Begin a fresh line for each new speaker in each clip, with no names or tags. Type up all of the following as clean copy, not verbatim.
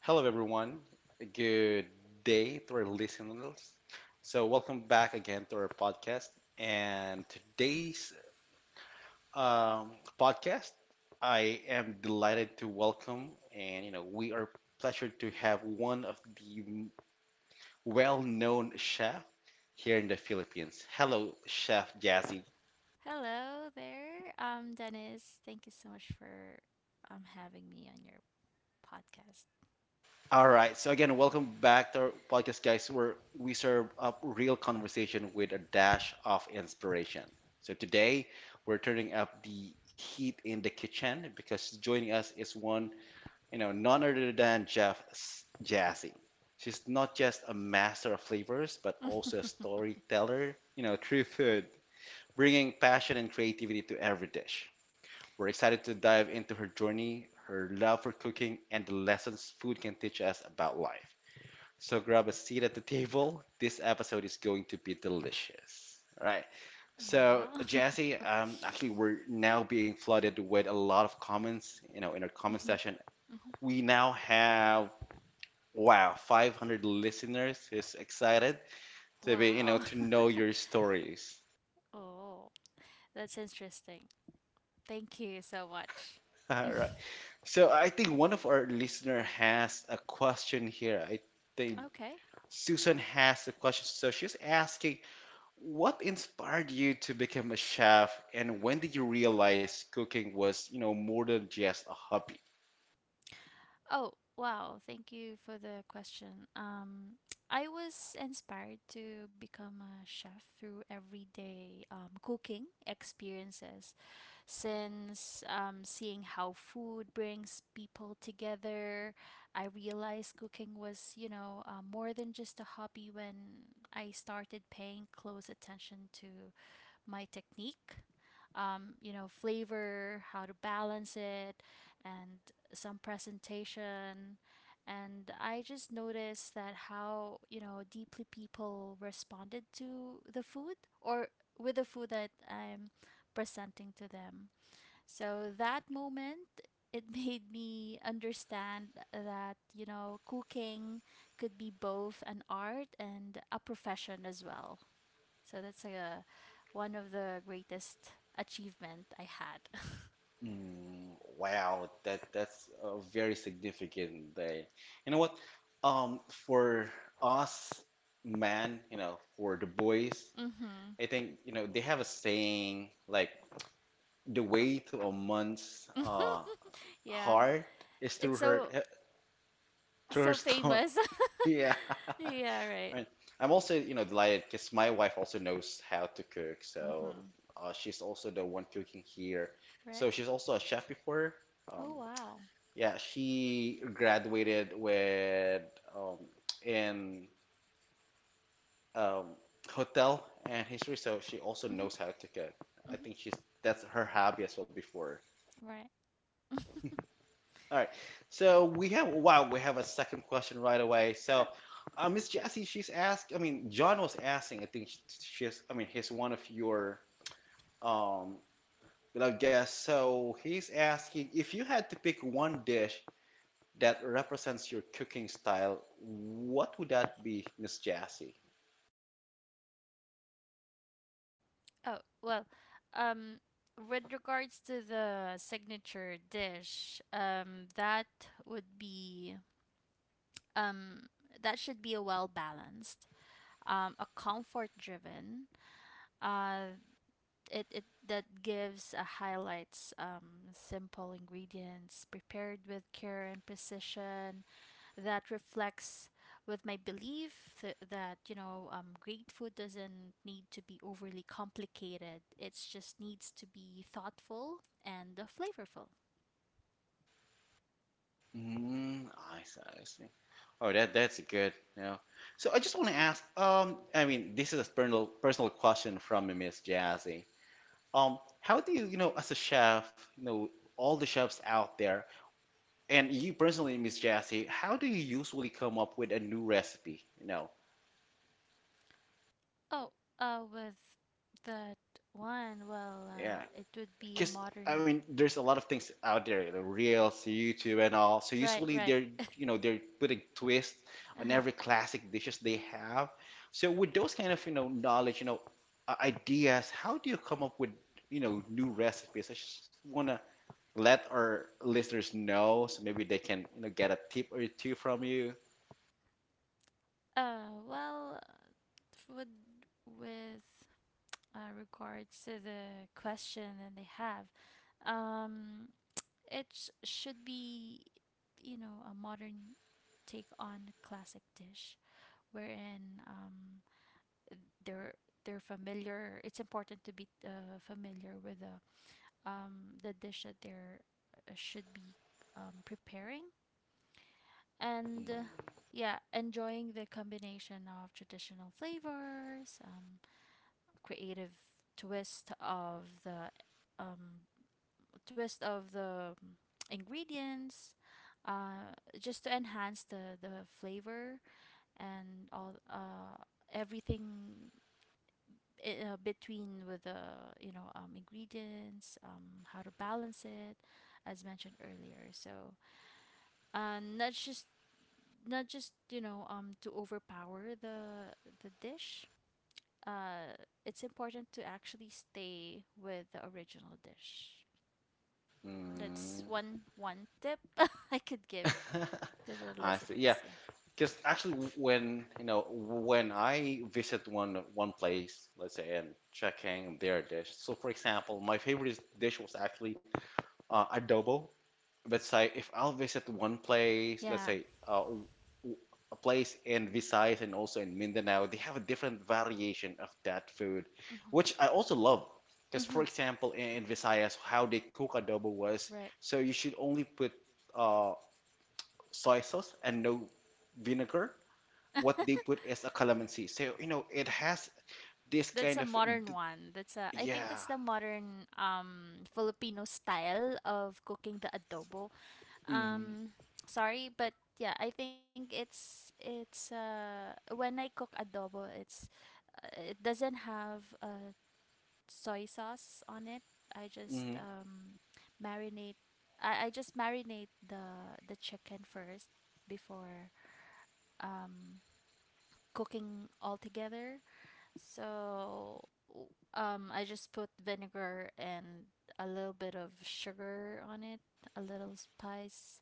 Hello, everyone. Good day to our listeners. So, welcome back again to our podcast. And today's um, podcast, I am delighted to welcome, and you know, we are pleasured to have one of the well-known chef here in the Philippines. Hello, Chef Jazzy.
Hello there, Dennis. Thank you so much for having me on your podcast.
All right. So again, welcome back to our podcast, guys, where we serve up real conversation with a dash of inspiration. So today, we're turning up the heat in the kitchen because joining us is none other than Jazzy. She's not just a master of flavors, but also a storyteller, through food, bringing passion and creativity to every dish. We're excited to dive into her journey, her love for cooking, and the lessons food can teach us about life. So grab a seat at the table. This episode is going to be delicious. All right. So
wow.
Jesse, actually, we're now being flooded with a lot of comments. In our comment
hmm
section,
hmm
we now have wow, 500 listeners is excited to be,
Wow.
to know your stories.
Oh, that's interesting. Thank you so much.
All right. So I think one of our listener has a question here. I think
Okay.
Susan has a question. So she's asking, What inspired you to become a chef, and when did you realize cooking was, more than just a hobby?
Oh, wow. Thank you for the question. I was inspired to become a chef through everyday cooking experiences since seeing how food brings people together. I realized cooking was, you know, more than just a hobby when I started paying close attention to my technique, you know, flavor, how to balance it, and some presentation. And I just noticed that how, you know, deeply people responded to the food or with the food that I'm presenting to them. So that moment, it made me understand that, you know, cooking could be both an art and a profession as well. So that's one of the greatest achievement I had.
Mm, wow, that's a very significant day. You know what? For us men, for the boys,
mhm.
I think, they have a saying like the way to a man's
Yeah.
heart is
It's
through her
so
through her
so
stomach.
famous.
Yeah.
yeah, right.
Right. I'm also, delighted because my wife also knows how to cook. So
Mhm.
she's also the one cooking here. So
Right.
she's also a chef before. Um,
Oh, wow.
yeah, she graduated with um, in um, hotel and history. So she also
Mhm.
knows how to cook. I
Mhm.
think she's that's her hobby as well before.
Right.
All right. So we have wow, we have a second question right away. So
Sure.
Miss Jessie, she's asked. I mean, John was asking. I think she's. I mean, he's one of your um beloved guests. So he's asking if you had to pick one dish that represents your cooking style, what would that be, Miss Jessie?
Oh, well, um, with regards to the signature dish, that would be, um, that should be a well balanced, a comfort driven, uh, it, it that gives a highlights, simple ingredients prepared with care and precision that reflects with my belief that, you know, great food doesn't need to be overly complicated. It just needs to be thoughtful and, flavorful.
Mm, I see. I see. Oh, that's good. Yeah. So I just want to ask. I mean, this is a personal question from Miss Jessie. How do you, as a chef, all the chefs out there, and you personally, Miss Jassy, how do you usually come up with a new recipe?
oh with that one,
Yeah,
it would be a
because I
modern.
mean, there's a lot of things out there, Reels, YouTube, and all. So
right
usually
right
they're, you know, they're putting twist on
uh-huh.
every classic dishes they have. So with those kind of, knowledge, ideas, how do you come up with, new recipes? I just wanna let our listeners know so maybe they can get a tip or two from you.
Well would with regards to the question that they have, um it should be, you know, a modern take on a classic dish wherein, they're they're familiar. It's important to be, familiar with the, the dish that they're, should be, preparing and, yeah, enjoying the combination of traditional flavors, creative twist of the, um, twist of the mm, ingredients, just to enhance the flavor and all, everything between with the, you know, ingredients, how to balance it, as mentioned earlier. So, uh, not just not just, you know, to overpower the dish. uh, it's important to actually stay with the original dish. That's
Mm.
one one tip I could give to the
I see. Yeah,
listeners. Yeah.
because actually, when you know when I visit one place, let's say, and checking their dish. So, for example, my favorite dish was actually adobo. Let's say if I'll visit one place, let's
Yeah.
say a place in Visayas and also in Mindanao, they have a different variation of that food, which
Mm-hmm.
I also love. Because,
Mm-hmm.
for example, in Visayas, how they cook adobo was,
Right.
so you should only put uh, soy sauce and no vinegar. What they put is a calamansi. So, it has this
That's
kind
a
of,
modern one. That's a, I think
yeah.
that's the modern, Filipino style of cooking the adobo.
Mm,
Um Sorry, but yeah, I think it's, it's when I cook adobo, it's, it doesn't have a soy sauce on it. I just,
mhm.
marinate. I just marinate the chicken first before, um, cooking all together. So, I just put vinegar and a little bit of sugar on it, a little spice,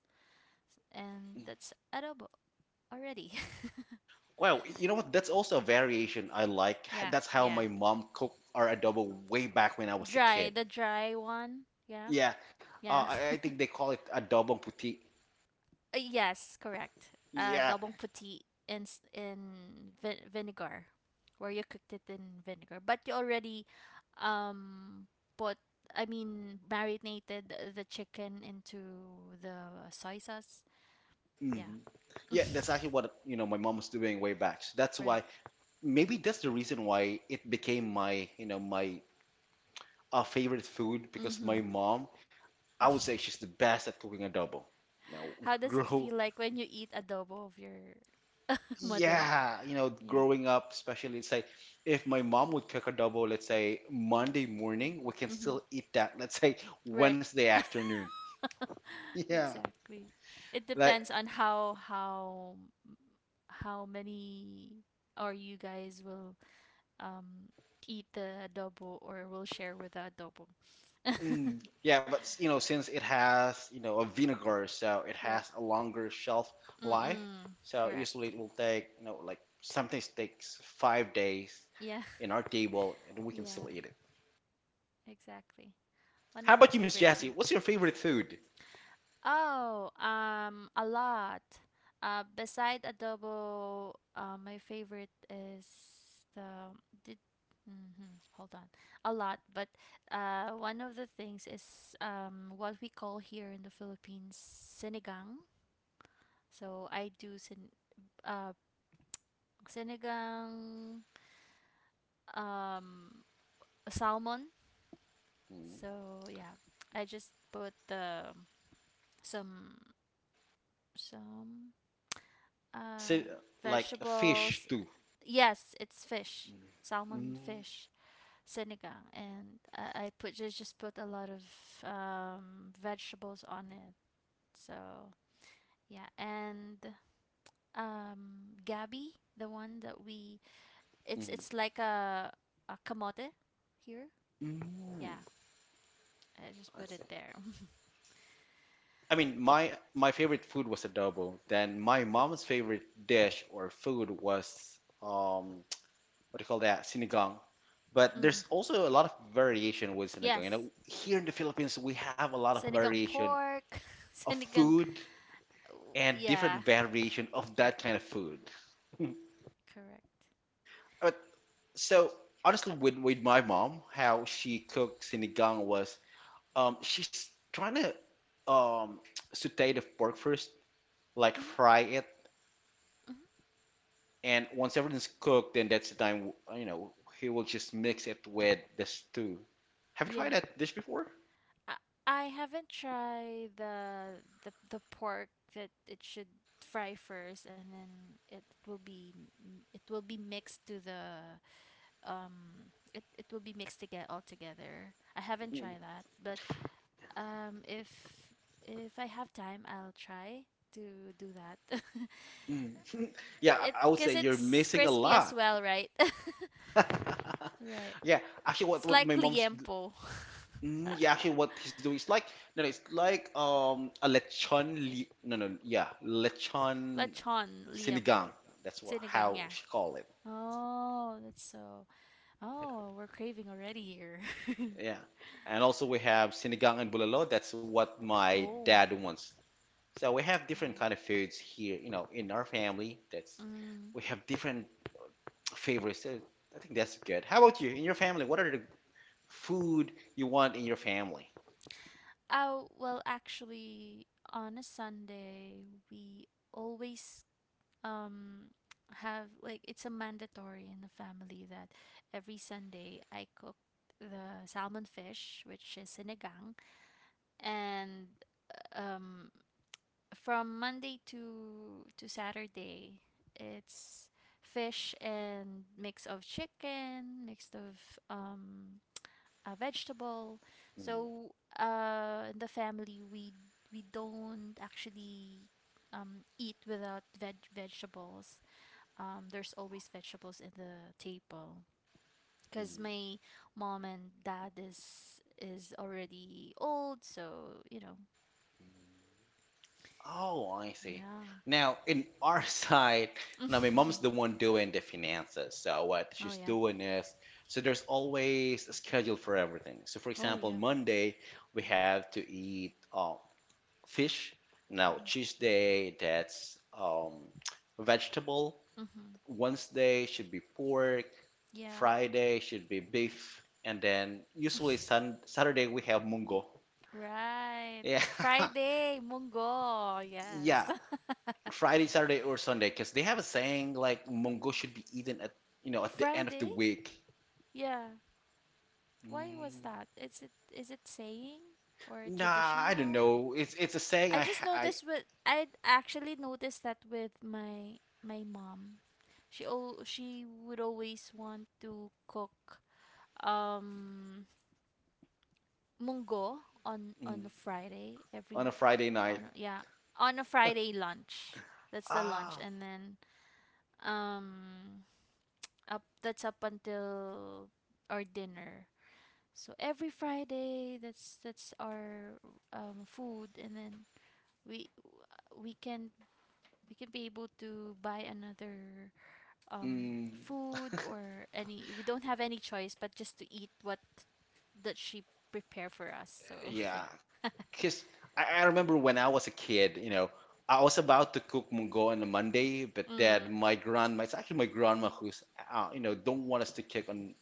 and that's adobo already.
Well, you know what? That's also a variation I like.
yeah,
That's how
yeah.
my mom cooked our adobo way back when I was a
Dry,
kid.
the dry one. Yeah.
Yeah,
Yeah.
I think they call it adobo puti.
Yes, correct.
Yeah,
Dabong puti in vinegar, where you cooked it in vinegar, but you already, um put I mean marinated the chicken into the soy sauce. Yeah.
mhm. Yeah, that's actually what my mom was doing way back. So that's
Right.
why maybe that's the reason why it became my favorite food, because my
Mm-hmm.
mom, I would say she's the best at cooking adobo. Now,
How does it
grow
feel like when you eat adobo of your mother?
yeah,
Yeah.
growing up, especially, let's say, if my mom would cook adobo, let's say Monday morning, we can
Mm-hmm.
still eat that, let's say,
Right.
Wednesday afternoon. Yeah,
Exactly. It
like,
depends on how many or you guys will, um eat the adobo or will share with the adobo. But
yeah, but since it has, a vinegar, so it
Right.
has a longer shelf life.
Mm-mm.
So usually
Correct.
it will take, like sometimes takes 5 days
Yeah.
in our table, and we can
Yeah,
still eat it.
exactly. One
How
of my
about
How
you, Miss
favorite
Jessie?
too.
What's your favorite food?
Oh, a lot. Beside adobo, my favorite is the did. Hmm hold on, a lot. But, one of the things is, what we call here in the Philippines, sinigang. So I do uh sinigang, um salmon. So yeah, I just put the some some
I said,
Uh,
like a fish
vegetables.
too.
Yes, it's fish, salmon
Mm-hmm.
fish, sinigang, and I put just put a lot of, vegetables on it. So yeah, and, gabi, the one that we, it's like a kamote here.
Mm,
Yeah, I just
I
put it
see.
there.
I mean, my favorite food was adobo. Then my mom's favorite dish or food was what do you call that? Sinigang. But
hmm
there's also a lot of variation with sinigang.
Yes,
Here in the Philippines, we have a lot of
sinigang
variation
pork,
of
sinigang
food
Oh,
and
yeah.
different variation of
Right.
that kind of food.
Correct.
But so honestly, with my mom, how she cooked sinigang was, she's trying to um, saute the pork first, like
Hmm
fry it,
hmm
and once everything's cooked, then that's the time, he will just mix it with the stew. Have you
Yeah.
tried that dish before?
I, I haven't tried the the pork that it should fry first and then it will be, it will be mixed to the, it will be mixed together all together. I haven't
Mm,
tried that, but, um if if I have time, I'll try to do that.
mm. Yeah,
it
I would say
cuz
you're
it's
missing a
crispy as
lot.
well, right? right.
Yeah, actually, what
It's like liempo.
yeah, actually, what he's doing is like, no, no, it's like a lechon li no, no, yeah, lechon
Lechon,
sinigang.
liempo.
That's what
Sinigang,
how
yeah.
she call it.
Oh, that's so. Oh, we're craving already here.
Yeah, and also we have sinigang and bulalo. That's what my
oh,
dad wants. So we have different
yeah.
kind of foods here, in our family. That's,
Mm.
we have different favorites. So I think that's good. How about you? In your family, what are the food you want in your family?
Oh, well, actually, on a Sunday, we always, um have like it's a mandatory in the family that every Sunday I cook the salmon fish, which is sinigang, and, um from Monday to Saturday, it's fish and mix of chicken, mixed of, a vegetable.
Mm.
So, in the family we, don't actually, eat without vegetables, there's always vegetables in the table because my mom and dad is already old, so you know,
Oh, I see.
yeah.
Now, in our side, now my mom's the one doing the finances. So what
oh
she's
yeah.
doing is, so there's always a schedule for everything. So for
Oh
example,
yeah.
Monday we have to eat fish. Now
Mhm.
Tuesday that's vegetable.
Mhm.
Wednesday should be pork,
Yeah.
Friday should be beef, and then usually sun Saturday we have mungo.
Right.
Yeah.
Friday, Munggo.
Yeah,
Yes.
Friday, Saturday, or Sunday, because they have a saying like mungo should be eaten at you know at the end of the
Friday?
week.
Yeah. Why was
Mm,
that? Is it, is it saying or
nah, I don't
traditional?
know. It's a saying I,
I actually noticed that with my mom. She she would always want to cook, um munggo on
mm,
a Friday
on a
every
Friday night.
on a, yeah on a Friday lunch. That's the lunch,
Ah,
and then, um up that's up until our dinner. So every Friday, that's our, food, and then we we can we can be able to buy another,
mm,
food or any. We don't have any choice but just to eat what that she prepare for us. So
yeah,
yeah.
because I remember when I was a kid, I was about to cook mungo on a Monday, but then my grandma, it's actually my grandma who's, don't want us to cook on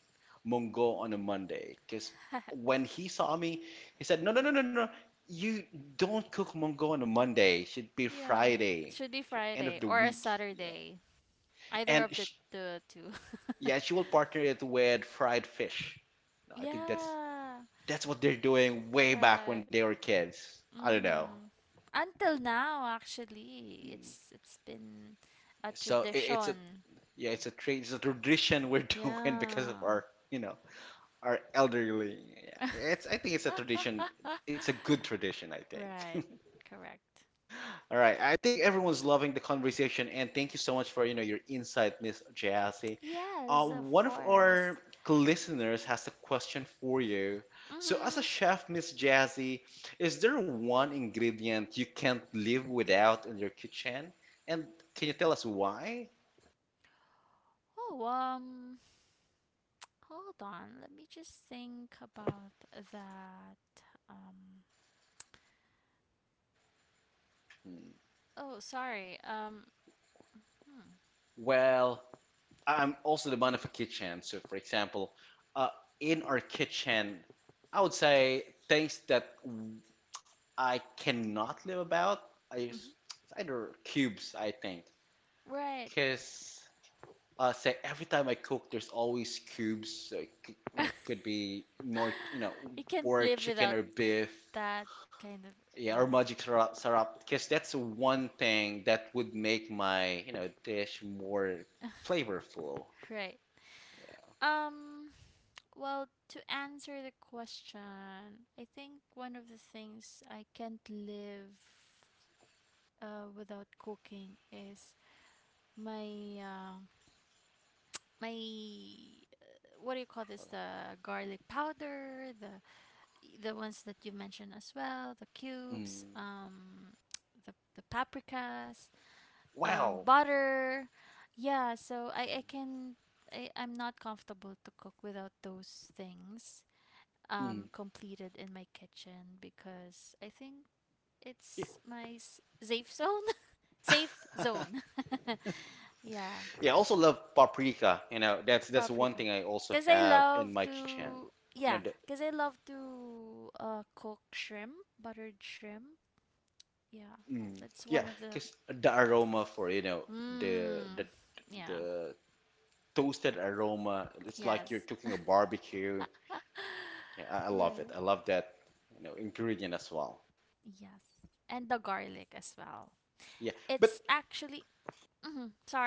mungo on a Monday. Because
cook it on
when he saw me, he said, no, no, no, no, no, you don't cook mungo on a Monday. It should be Friday, end of the week. Yeah.
Saturday.
And sh
The two.
yeah, she will partner it with fried fish. I think that's
yeah.
that's what they're doing way back when
Right.
they were kids.
I
I don't
Mm-hmm.
know.
Until now, actually, it's been a
So
Yeah,
it's
it's
a, yeah, it's a tradition we're doing because of our you know our elderly. Yeah. It's I think it's a tradition. It's a good tradition, I think.
Right, correct.
All right, I think everyone's loving the conversation, and thank you so much for your insight, Miss Jassy.
Yes, of
One of our
course.
listeners has a question for you. So, as a
Mm-hmm.
chef, Miss Jazzy, is there one ingredient you can't live without in your kitchen? And can you tell us why?
Oh, hold on. Let me just think about that. Um, oh, sorry. Hmm.
Well, I'm also the man of a kitchen. So, for example, uh, in our kitchen, I would say things that I cannot live about is
Mm-hmm.
it's either cubes, I think,
Right.
because say every time I cook, there's always cubes. So it could be more,
you can't
or
live
chicken
without
or beef,
that kind of
yeah, or
yeah.
magic sarap, sarap, because that's one thing that would make my, dish more flavorful.
Right. Um well, to answer the question, I think one of the things I can't live, without cooking is my uh, my, what do you call this, the garlic powder, the ones that you mentioned as well, the cubes,
Mm.
the paprikas,
Wow.
butter, yeah, so I'm not comfortable to cook without those things, completed in my kitchen because I think
Yeah.
it's my safe zone. safe zone Yeah.
Yeah, I also love paprika. That's one
Paprika.
thing I also
Cause I
have
love
in my kitchen.
to
You know,
yeah,
the,
cause I love to cook shrimp, buttered shrimp. Yeah.
mm,
That's
yeah,
one of the
because the aroma for, the
Mmm.
the
Yeah.
the toasted aroma, it's like you're
Yes.
cooking a barbecue. Yeah, I love it.
Right.
I love that, ingredient as well.
Yes. And the garlic as well.
Yeah, but
It's actually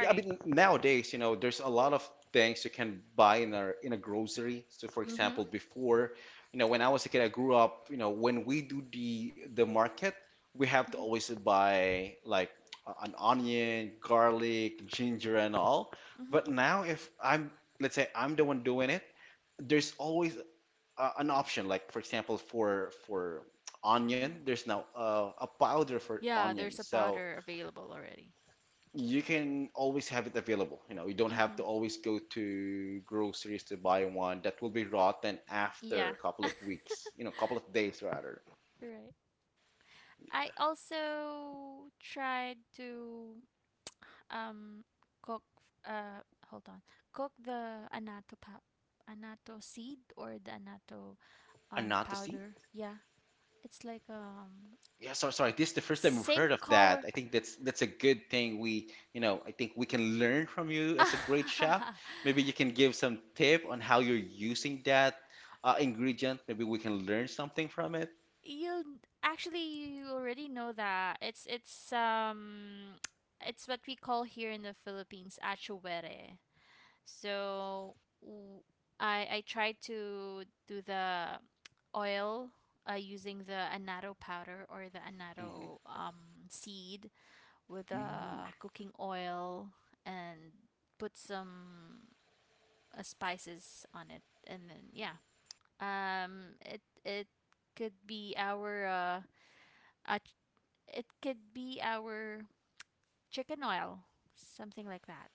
yeah, I mean nowadays, there's a lot of things you can buy in a grocery. So for
Mhm.
example, before, when I was a kid, I grew up, when we do the market, we have to
Mhm.
always buy like
like
an onion, garlic, ginger and all.
Mhm.
But now if I'm, let's say I'm the one doing it, there's always an option. Like for example, for onion, there's now a powder for onion.
There's a
So
powder available already.
you can always have it available. You know, you don't
You
have to
Mhm.
always go to groceries to buy one that will be rotten after a
Yeah.
couple of weeks, you know, couple of days rather.
Yeah. Right. I also tried to, um cook, uh hold on cook the anato seed or the anato,
And not to see?
powder. Yeah, it's like,
Yeah, sorry, sorry. This is the first time we've heard
same
of that.
color.
I think that's a good thing. We, you know, I think we can learn from you as a great chef. Maybe you can give some tip on how you're using that ingredient. Maybe we can learn something from it.
you actually you already know that it's what we call here in the Philippines, achuere. So w- I tried to do the oil, using the annatto powder or the
Mm,
annatto, seed with,
mm,
cooking oil and put some, spices on it, and then yeah, it could be our, uh ch- it could be our chicken oil, something like that,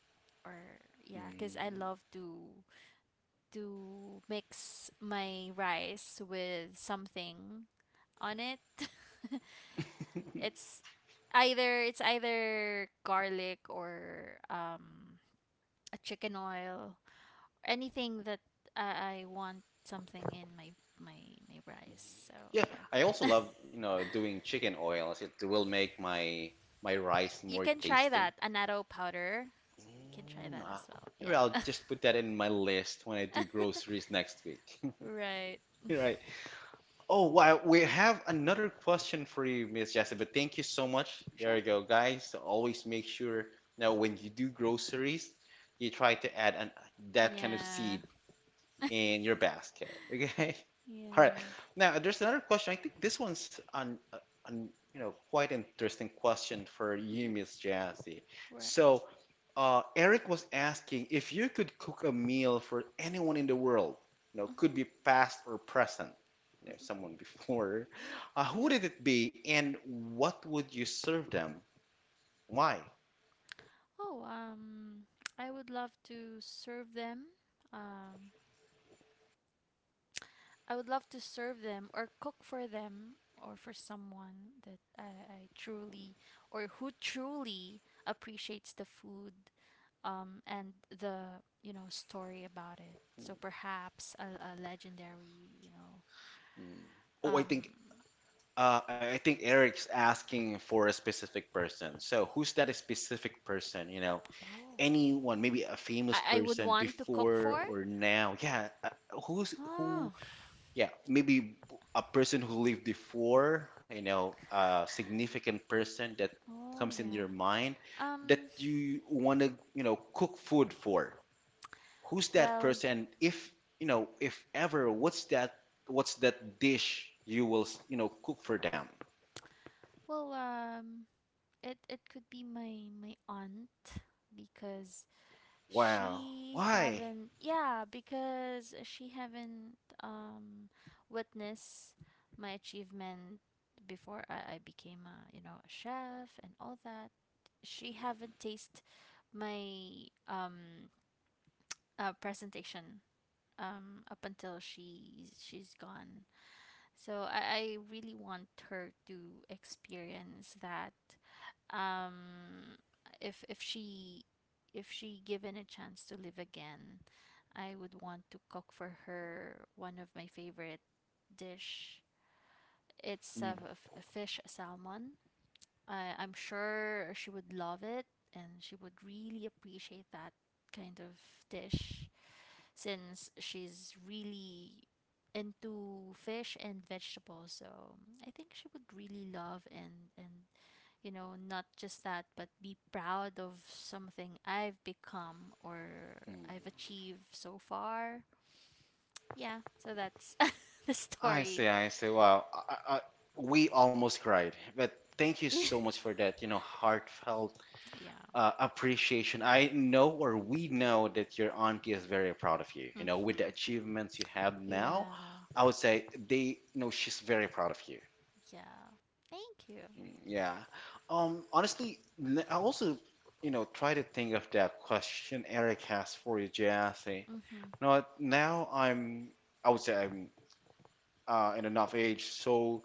or yeah, because I
mm.
love to mix my rice with something on it. it's either garlic or, a chicken oil, anything that I want something in my my rice. So
Yeah,
yeah,
I also love, you know, doing chicken oils. It will make my rice
You
more
can try
tasty.
that annatto powder. You can try
Mm,
that
ah,
as well.
maybe
Yeah,
I'll just put that in my list when I do groceries next week.
right.
Right. Oh, wow. We have another question for you, Miss Jessie, but thank you so much. There
Sure.
you go, guys. Always make sure now when you do groceries, you try to add an, that kind of
Yeah.
seed in your basket. Okay. All right.
yeah.
Now, there's another question. I think this one's on, you know, quite an interesting question for you,
Mhm.
Miss Jazzy.
Right.
So, Eric was asking if you could cook a meal for anyone in the world, you know,
Mhm.
could be past or present, you know,
Mhm.
someone before, who would
Yeah.
it be, and what would you serve them? Why?
Oh, I would love to serve them. Um, I would love to serve them or cook for them or for someone that I truly or who truly appreciates the food, and the, you know, story about it. So perhaps a legendary, you know,
Mm. Oh, I
um,
think I think Eric's asking for a specific person. So who's that specific person? You know,
oh,
anyone, maybe a famous
would
person
want to cook
before
for.
or now. Yeah, who's who?
Oh,
Yeah, maybe a person who lived before. You know, a significant person that
oh
comes in your
yeah.
mind that
Um,
you want to, you know, cook food for. Who's that
well,
person? If you know, if ever, what's that? What's that dish you will, you know, cook for them?
well, it it could be my my aunt because
Wow.
she
Why?
haven't yeah because she haven't, um witnessed my achievement before I became a, you know, a chef and all that, she haven't tasted my, presentation, up until she's gone. So I really want her to experience that, um if she, if she given a chance to live again, I would want to cook for her one of my favorite dish. It's
Mm,
a fish salmon. I, I'm sure she would love it, and she would really appreciate that kind of dish since she's really into fish and vegetables. So I think she would really love and you know, not just that, but be proud of something I've become or I've achieved so far. Yeah, so that's the
I
story.
see, I see. Wow. We almost cried. But thank you
yeah.
so much for that, you know, heartfelt appreciation. I know or we know that your auntie is very proud of you. You know, with the
hmm
achievements you have now,
Yeah,
I would say they, you know, she's very proud of you.
yeah. Thank you.
Mm, yeah. Honestly, I also, you know, try to think of that question Eric has for you, Jesse. You
Hmm
know what? Now I would say I'm and enough age. So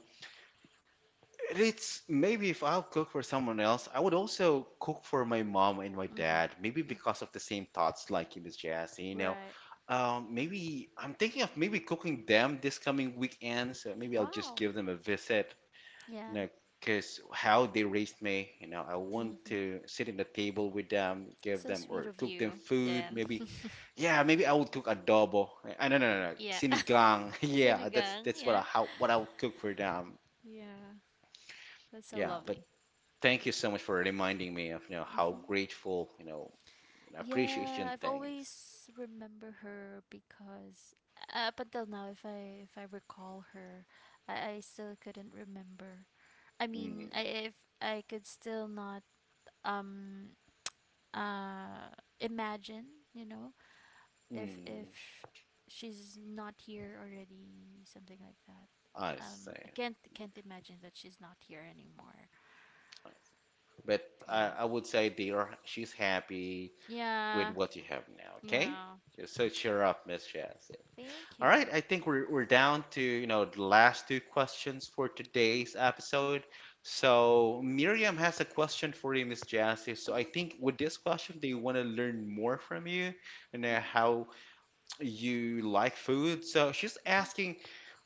it's maybe if I'll cook for someone else, I would also cook for my mom and my dad. Maybe because of the same thoughts like you, Miss Jazzy. You
Um,
know, maybe I'm thinking of maybe cooking them this coming weekend. So maybe I'll just give them a visit. You
Yeah.
know,
I
because how they raised me. You know, I want to sit at the table with them,
That's
give
so
them
sweet.
or cook them
I
food. Maybe
don't.
yeah, maybe I would cook adobo. I, no, no, no, no, sinigang. Yeah, that's
Sinigang.
that's what I how what I would cook for them.
Yeah. That's what I want to cook. Yeah. That's so.
Yeah, but thank you so much for reminding me of, you know, how grateful, you know, and
Yeah,
appreciation
I've
things.
always remember her because up until now, if I recall her, I still couldn't remember. I
Mm,
mean, I if I could still not um uh imagine, you know, if
mm,
if she's not here already, something like that.
I
I
see.
can't imagine that she's not here anymore.
I see. But I,
Yeah,
I would say dear, she's happy with
yeah,
what you have now, okay?
yeah.
Just so cheer up, Miss Chassis.
Thank
All
you.
right, I think we're down to, you know, the last two questions for today's episode. So Miriam has a question for you, Miss Chassis. So I think with this question, they want to learn more from you and how
Like.
you like food, so she's asking,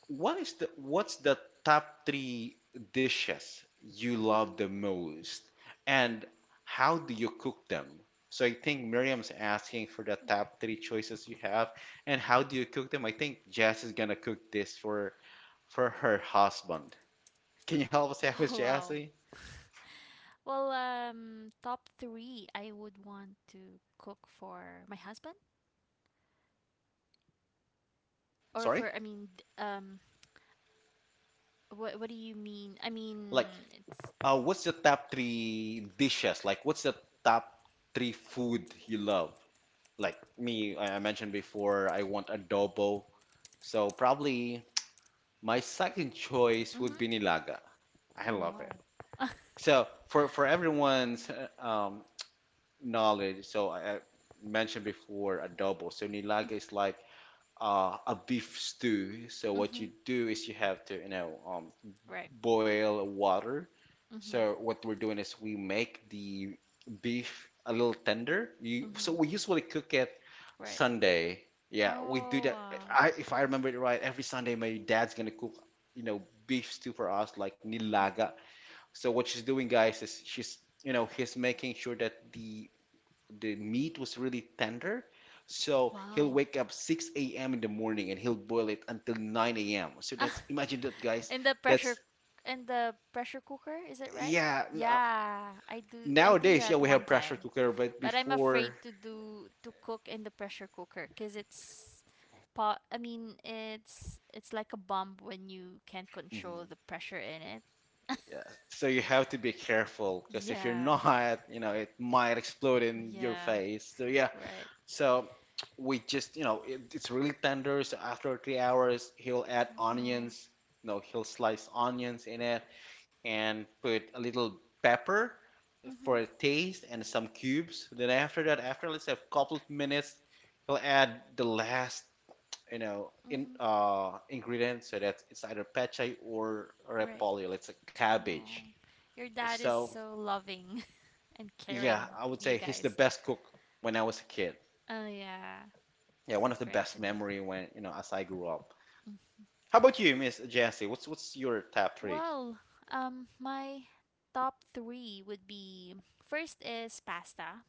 what is the top three dishes you love
Mm-hmm.
the most, and how do you cook them? So I think Miriam's asking for the top three choices you have, and how do you cook them? I think Jess is gonna cook this for her husband. Can you help us out with Jesse?
Well, top three, I would want to cook for my husband, or
Sorry?
for I mean, um, What do you mean? I
Like,
mean, it's.
what's the top three dishes? Like, what's the top three food you love? Like me, I mentioned before, I want adobo. So probably my second choice would
Mm-hmm.
be nilaga. I love it.
Wow.
So for everyone's knowledge, so I mentioned before adobo. So nilaga is like a beef stew. So what
Mm-hmm.
you do is you have to, you know,
Right.
boil water.
Mm-hmm.
So what we're doing is we make the beef a little tender. You, so
Mm-hmm.
we usually cook it
Right.
Sunday. Yeah, we do
Oh
that.
wow.
I, if I remember it right, every Sunday my dad's gonna cook, you know, beef stew for us, like
Mhm.
nilaga. So what she's doing, guys, is she's, you know, he's making sure that the meat was really tender. So he'll
Wow.
wake up 6 a.m. in the morning and he'll boil it until 9 a.m. So
Ah,
that's imagine that, guys.
In the
That's
pressure in the pressure cooker, is it right?
yeah, n- uh,
Yeah, I do
Nowadays, yeah,
that
we
one
have pressure
time.
cooker, but
But I'm afraid
before,
to do to cook in the pressure cooker cuz it's pot I mean, it's like a bomb when you can't control
mhm,
the pressure in it.
yeah, so you have to be careful because if you're
Yeah.
not, you know, it might explode in your
Yeah.
face. So yeah,
Right.
so we just, you know, it, it's really tender. So after 3 hours, he'll add
Wow.
onions. No, he'll slice onions in it and put a little pepper
Have
for
onions.
a taste
Mm-hmm.
and some cubes. Then after that, after let's say a couple of minutes, he'll add the last, you know, in
Mm-hmm.
ingredients, so that it's either peche or
Right.
repolyo, it's a
Uh,
cabbage.
oh, your dad is
So
so loving and caring.
yeah,
Yeah,
I
with
would
you
say he's the
guys.
best cook when I was a kid.
Oh yeah,
Yeah,
so
one of the
great
best
to know.
memory when, you know, as I grew up,
Mm.
how about you, Miss Jessie? What's your top three?
Well, my top three would be first is pasta.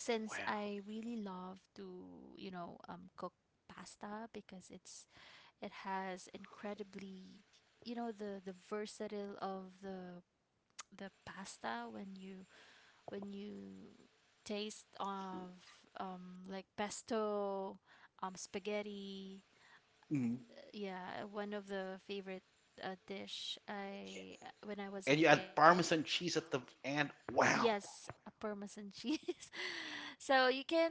Since
Wow.
I really love to, you know, cook pasta because it has incredibly, you know, the versatile of the the pasta when you taste of like pesto, spaghetti,
Mm.
yeah, one of the favorite dish I when I was a
And you add
kid.
parmesan cheese at the end. Wow.
Yes, a parmesan cheese. So you can,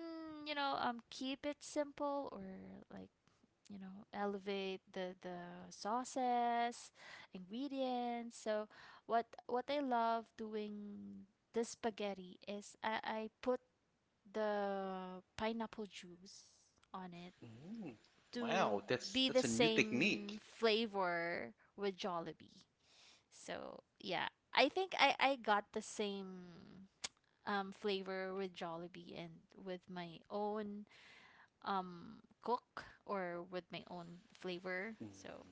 you know, keep it simple or like, you know, elevate the sauces, ingredients. So what I love doing this spaghetti is I put the pineapple juice on it
Mm.
to
Wow, that's
be the
that's a new
same
technique.
flavor with Jollibee. So yeah, I think I got the same flavor with Jollibee and with my own cook or with my own flavor. So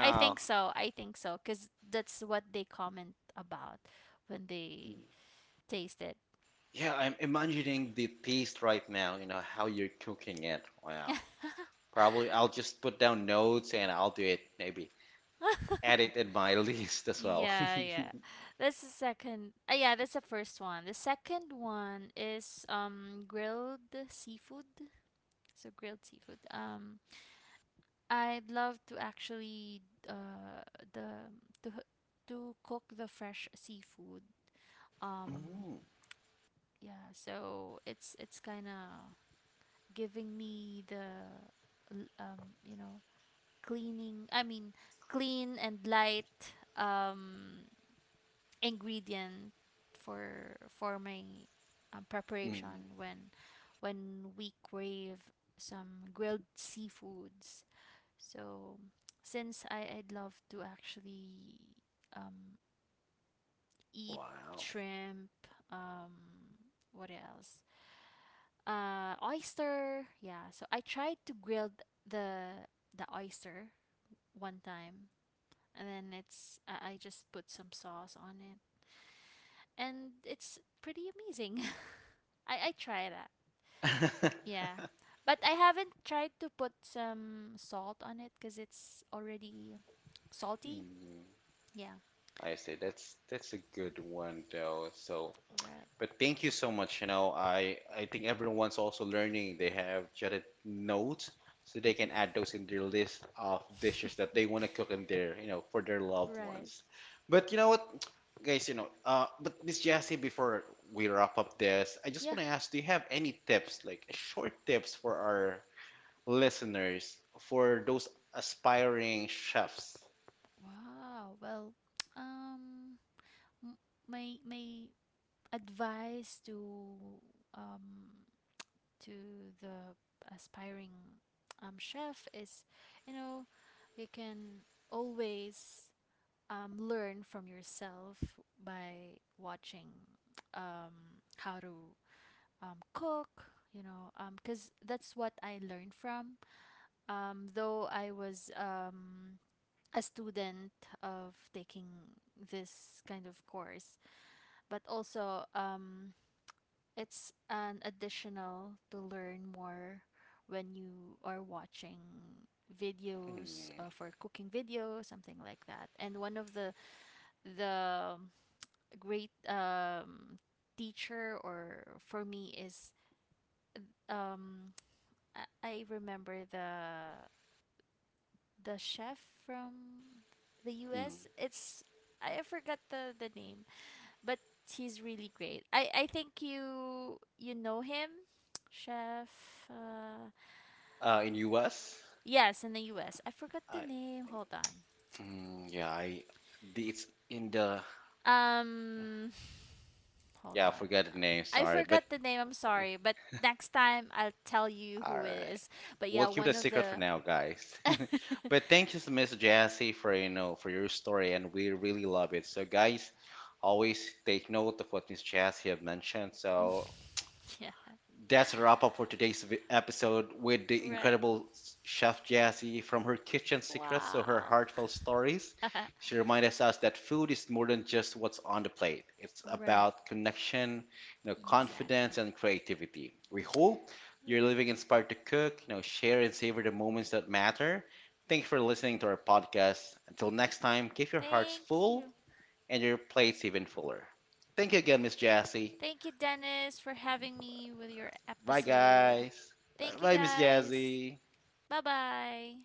I think so. I think so because that's what they comment about when they tasted.
Yeah, I'm imagining the taste right now, you know, how you're cooking it. Wow. Probably I'll just put down notes and I'll do it, maybe. Add it in my list as well.
Yeah, yeah. That's the second. Yeah, that's the first one. The second one is grilled seafood. So grilled seafood. I'd love to actually uh the to h- to cook the fresh seafood. Um,
Mm,
yeah. So it's kind of giving me the you know cleaning I mean clean and light ingredient for my
mm,
preparation when we crave some grilled seafoods. So since I'd love to actually um eat
wow.
shrimp, um what else, oyster. Yeah, so I tried to grill the the oyster one time, and then it's I just put some sauce on it, and it's pretty amazing. I try that. Yeah. But I haven't tried to put some salt on it because it's already salty.
Mm,
Yeah.
I see. That's a good one though. So
Right.
but thank you so much. You know, I think everyone's also learning. They have jotted notes so they can add those in their list of dishes that they want to cook in their, you know, for their loved
Right.
ones. But you know what, guys, you know, but Miss Jassy, before we wrap up this, I just
Yeah.
want to ask, do you have any tips, like short tips for our listeners, for those aspiring chefs?
Wow. Well, um, m- my my advice to um the aspiring chef is, you know, you can always learn from yourself by watching how to cook, you know, because that's what I learned from. Though I was a student of taking this kind of course, but also it's an additional to learn more when you are watching videos
Hmm.
for cooking videos, something like that. And one of the great teacher or for me is um, I remember the chef from the
Mm.
U.S. It's I forgot the name, but he's really great. I think you know him, chef.
In US?
Yes, in the US. I forgot the name. Hold on.
I mm, yeah, I. It's in the.
Um, hold
Yeah, I
on.
forgot
Uh,
the name.
I
Sorry, but
forgot the name. I'm sorry, but next time I'll tell you
all
who it
right.
is. But
We'll
yeah,
keep it a
one of
secret for
the
now, guys. But thank you, Miss Jassy, for you know for your story, and we really love it. So, guys, always take note of what Miss Jassy have mentioned. So,
yeah.
that's a wrap up for today's episode with the
Right.
incredible Chef Jessie, from her kitchen secrets to her
Wow.
heartfelt stories. She reminds us that food is more than just what's on the plate. It's
Right.
about connection, you know,
Connection, exactly.
confidence and creativity. We hope you're
Right.
living
You're.
inspired to cook, you know, share and savor the moments that matter. Thanks for listening to our podcast. Until next time, keep your hearts full and your plates even fuller. Thank you again, Miss Jessie.
You, Dennis, for having me with your
Bye,
episode.
guys.
Thank you,
Bye, Miss
stay.
Jazzy.
Bye bye.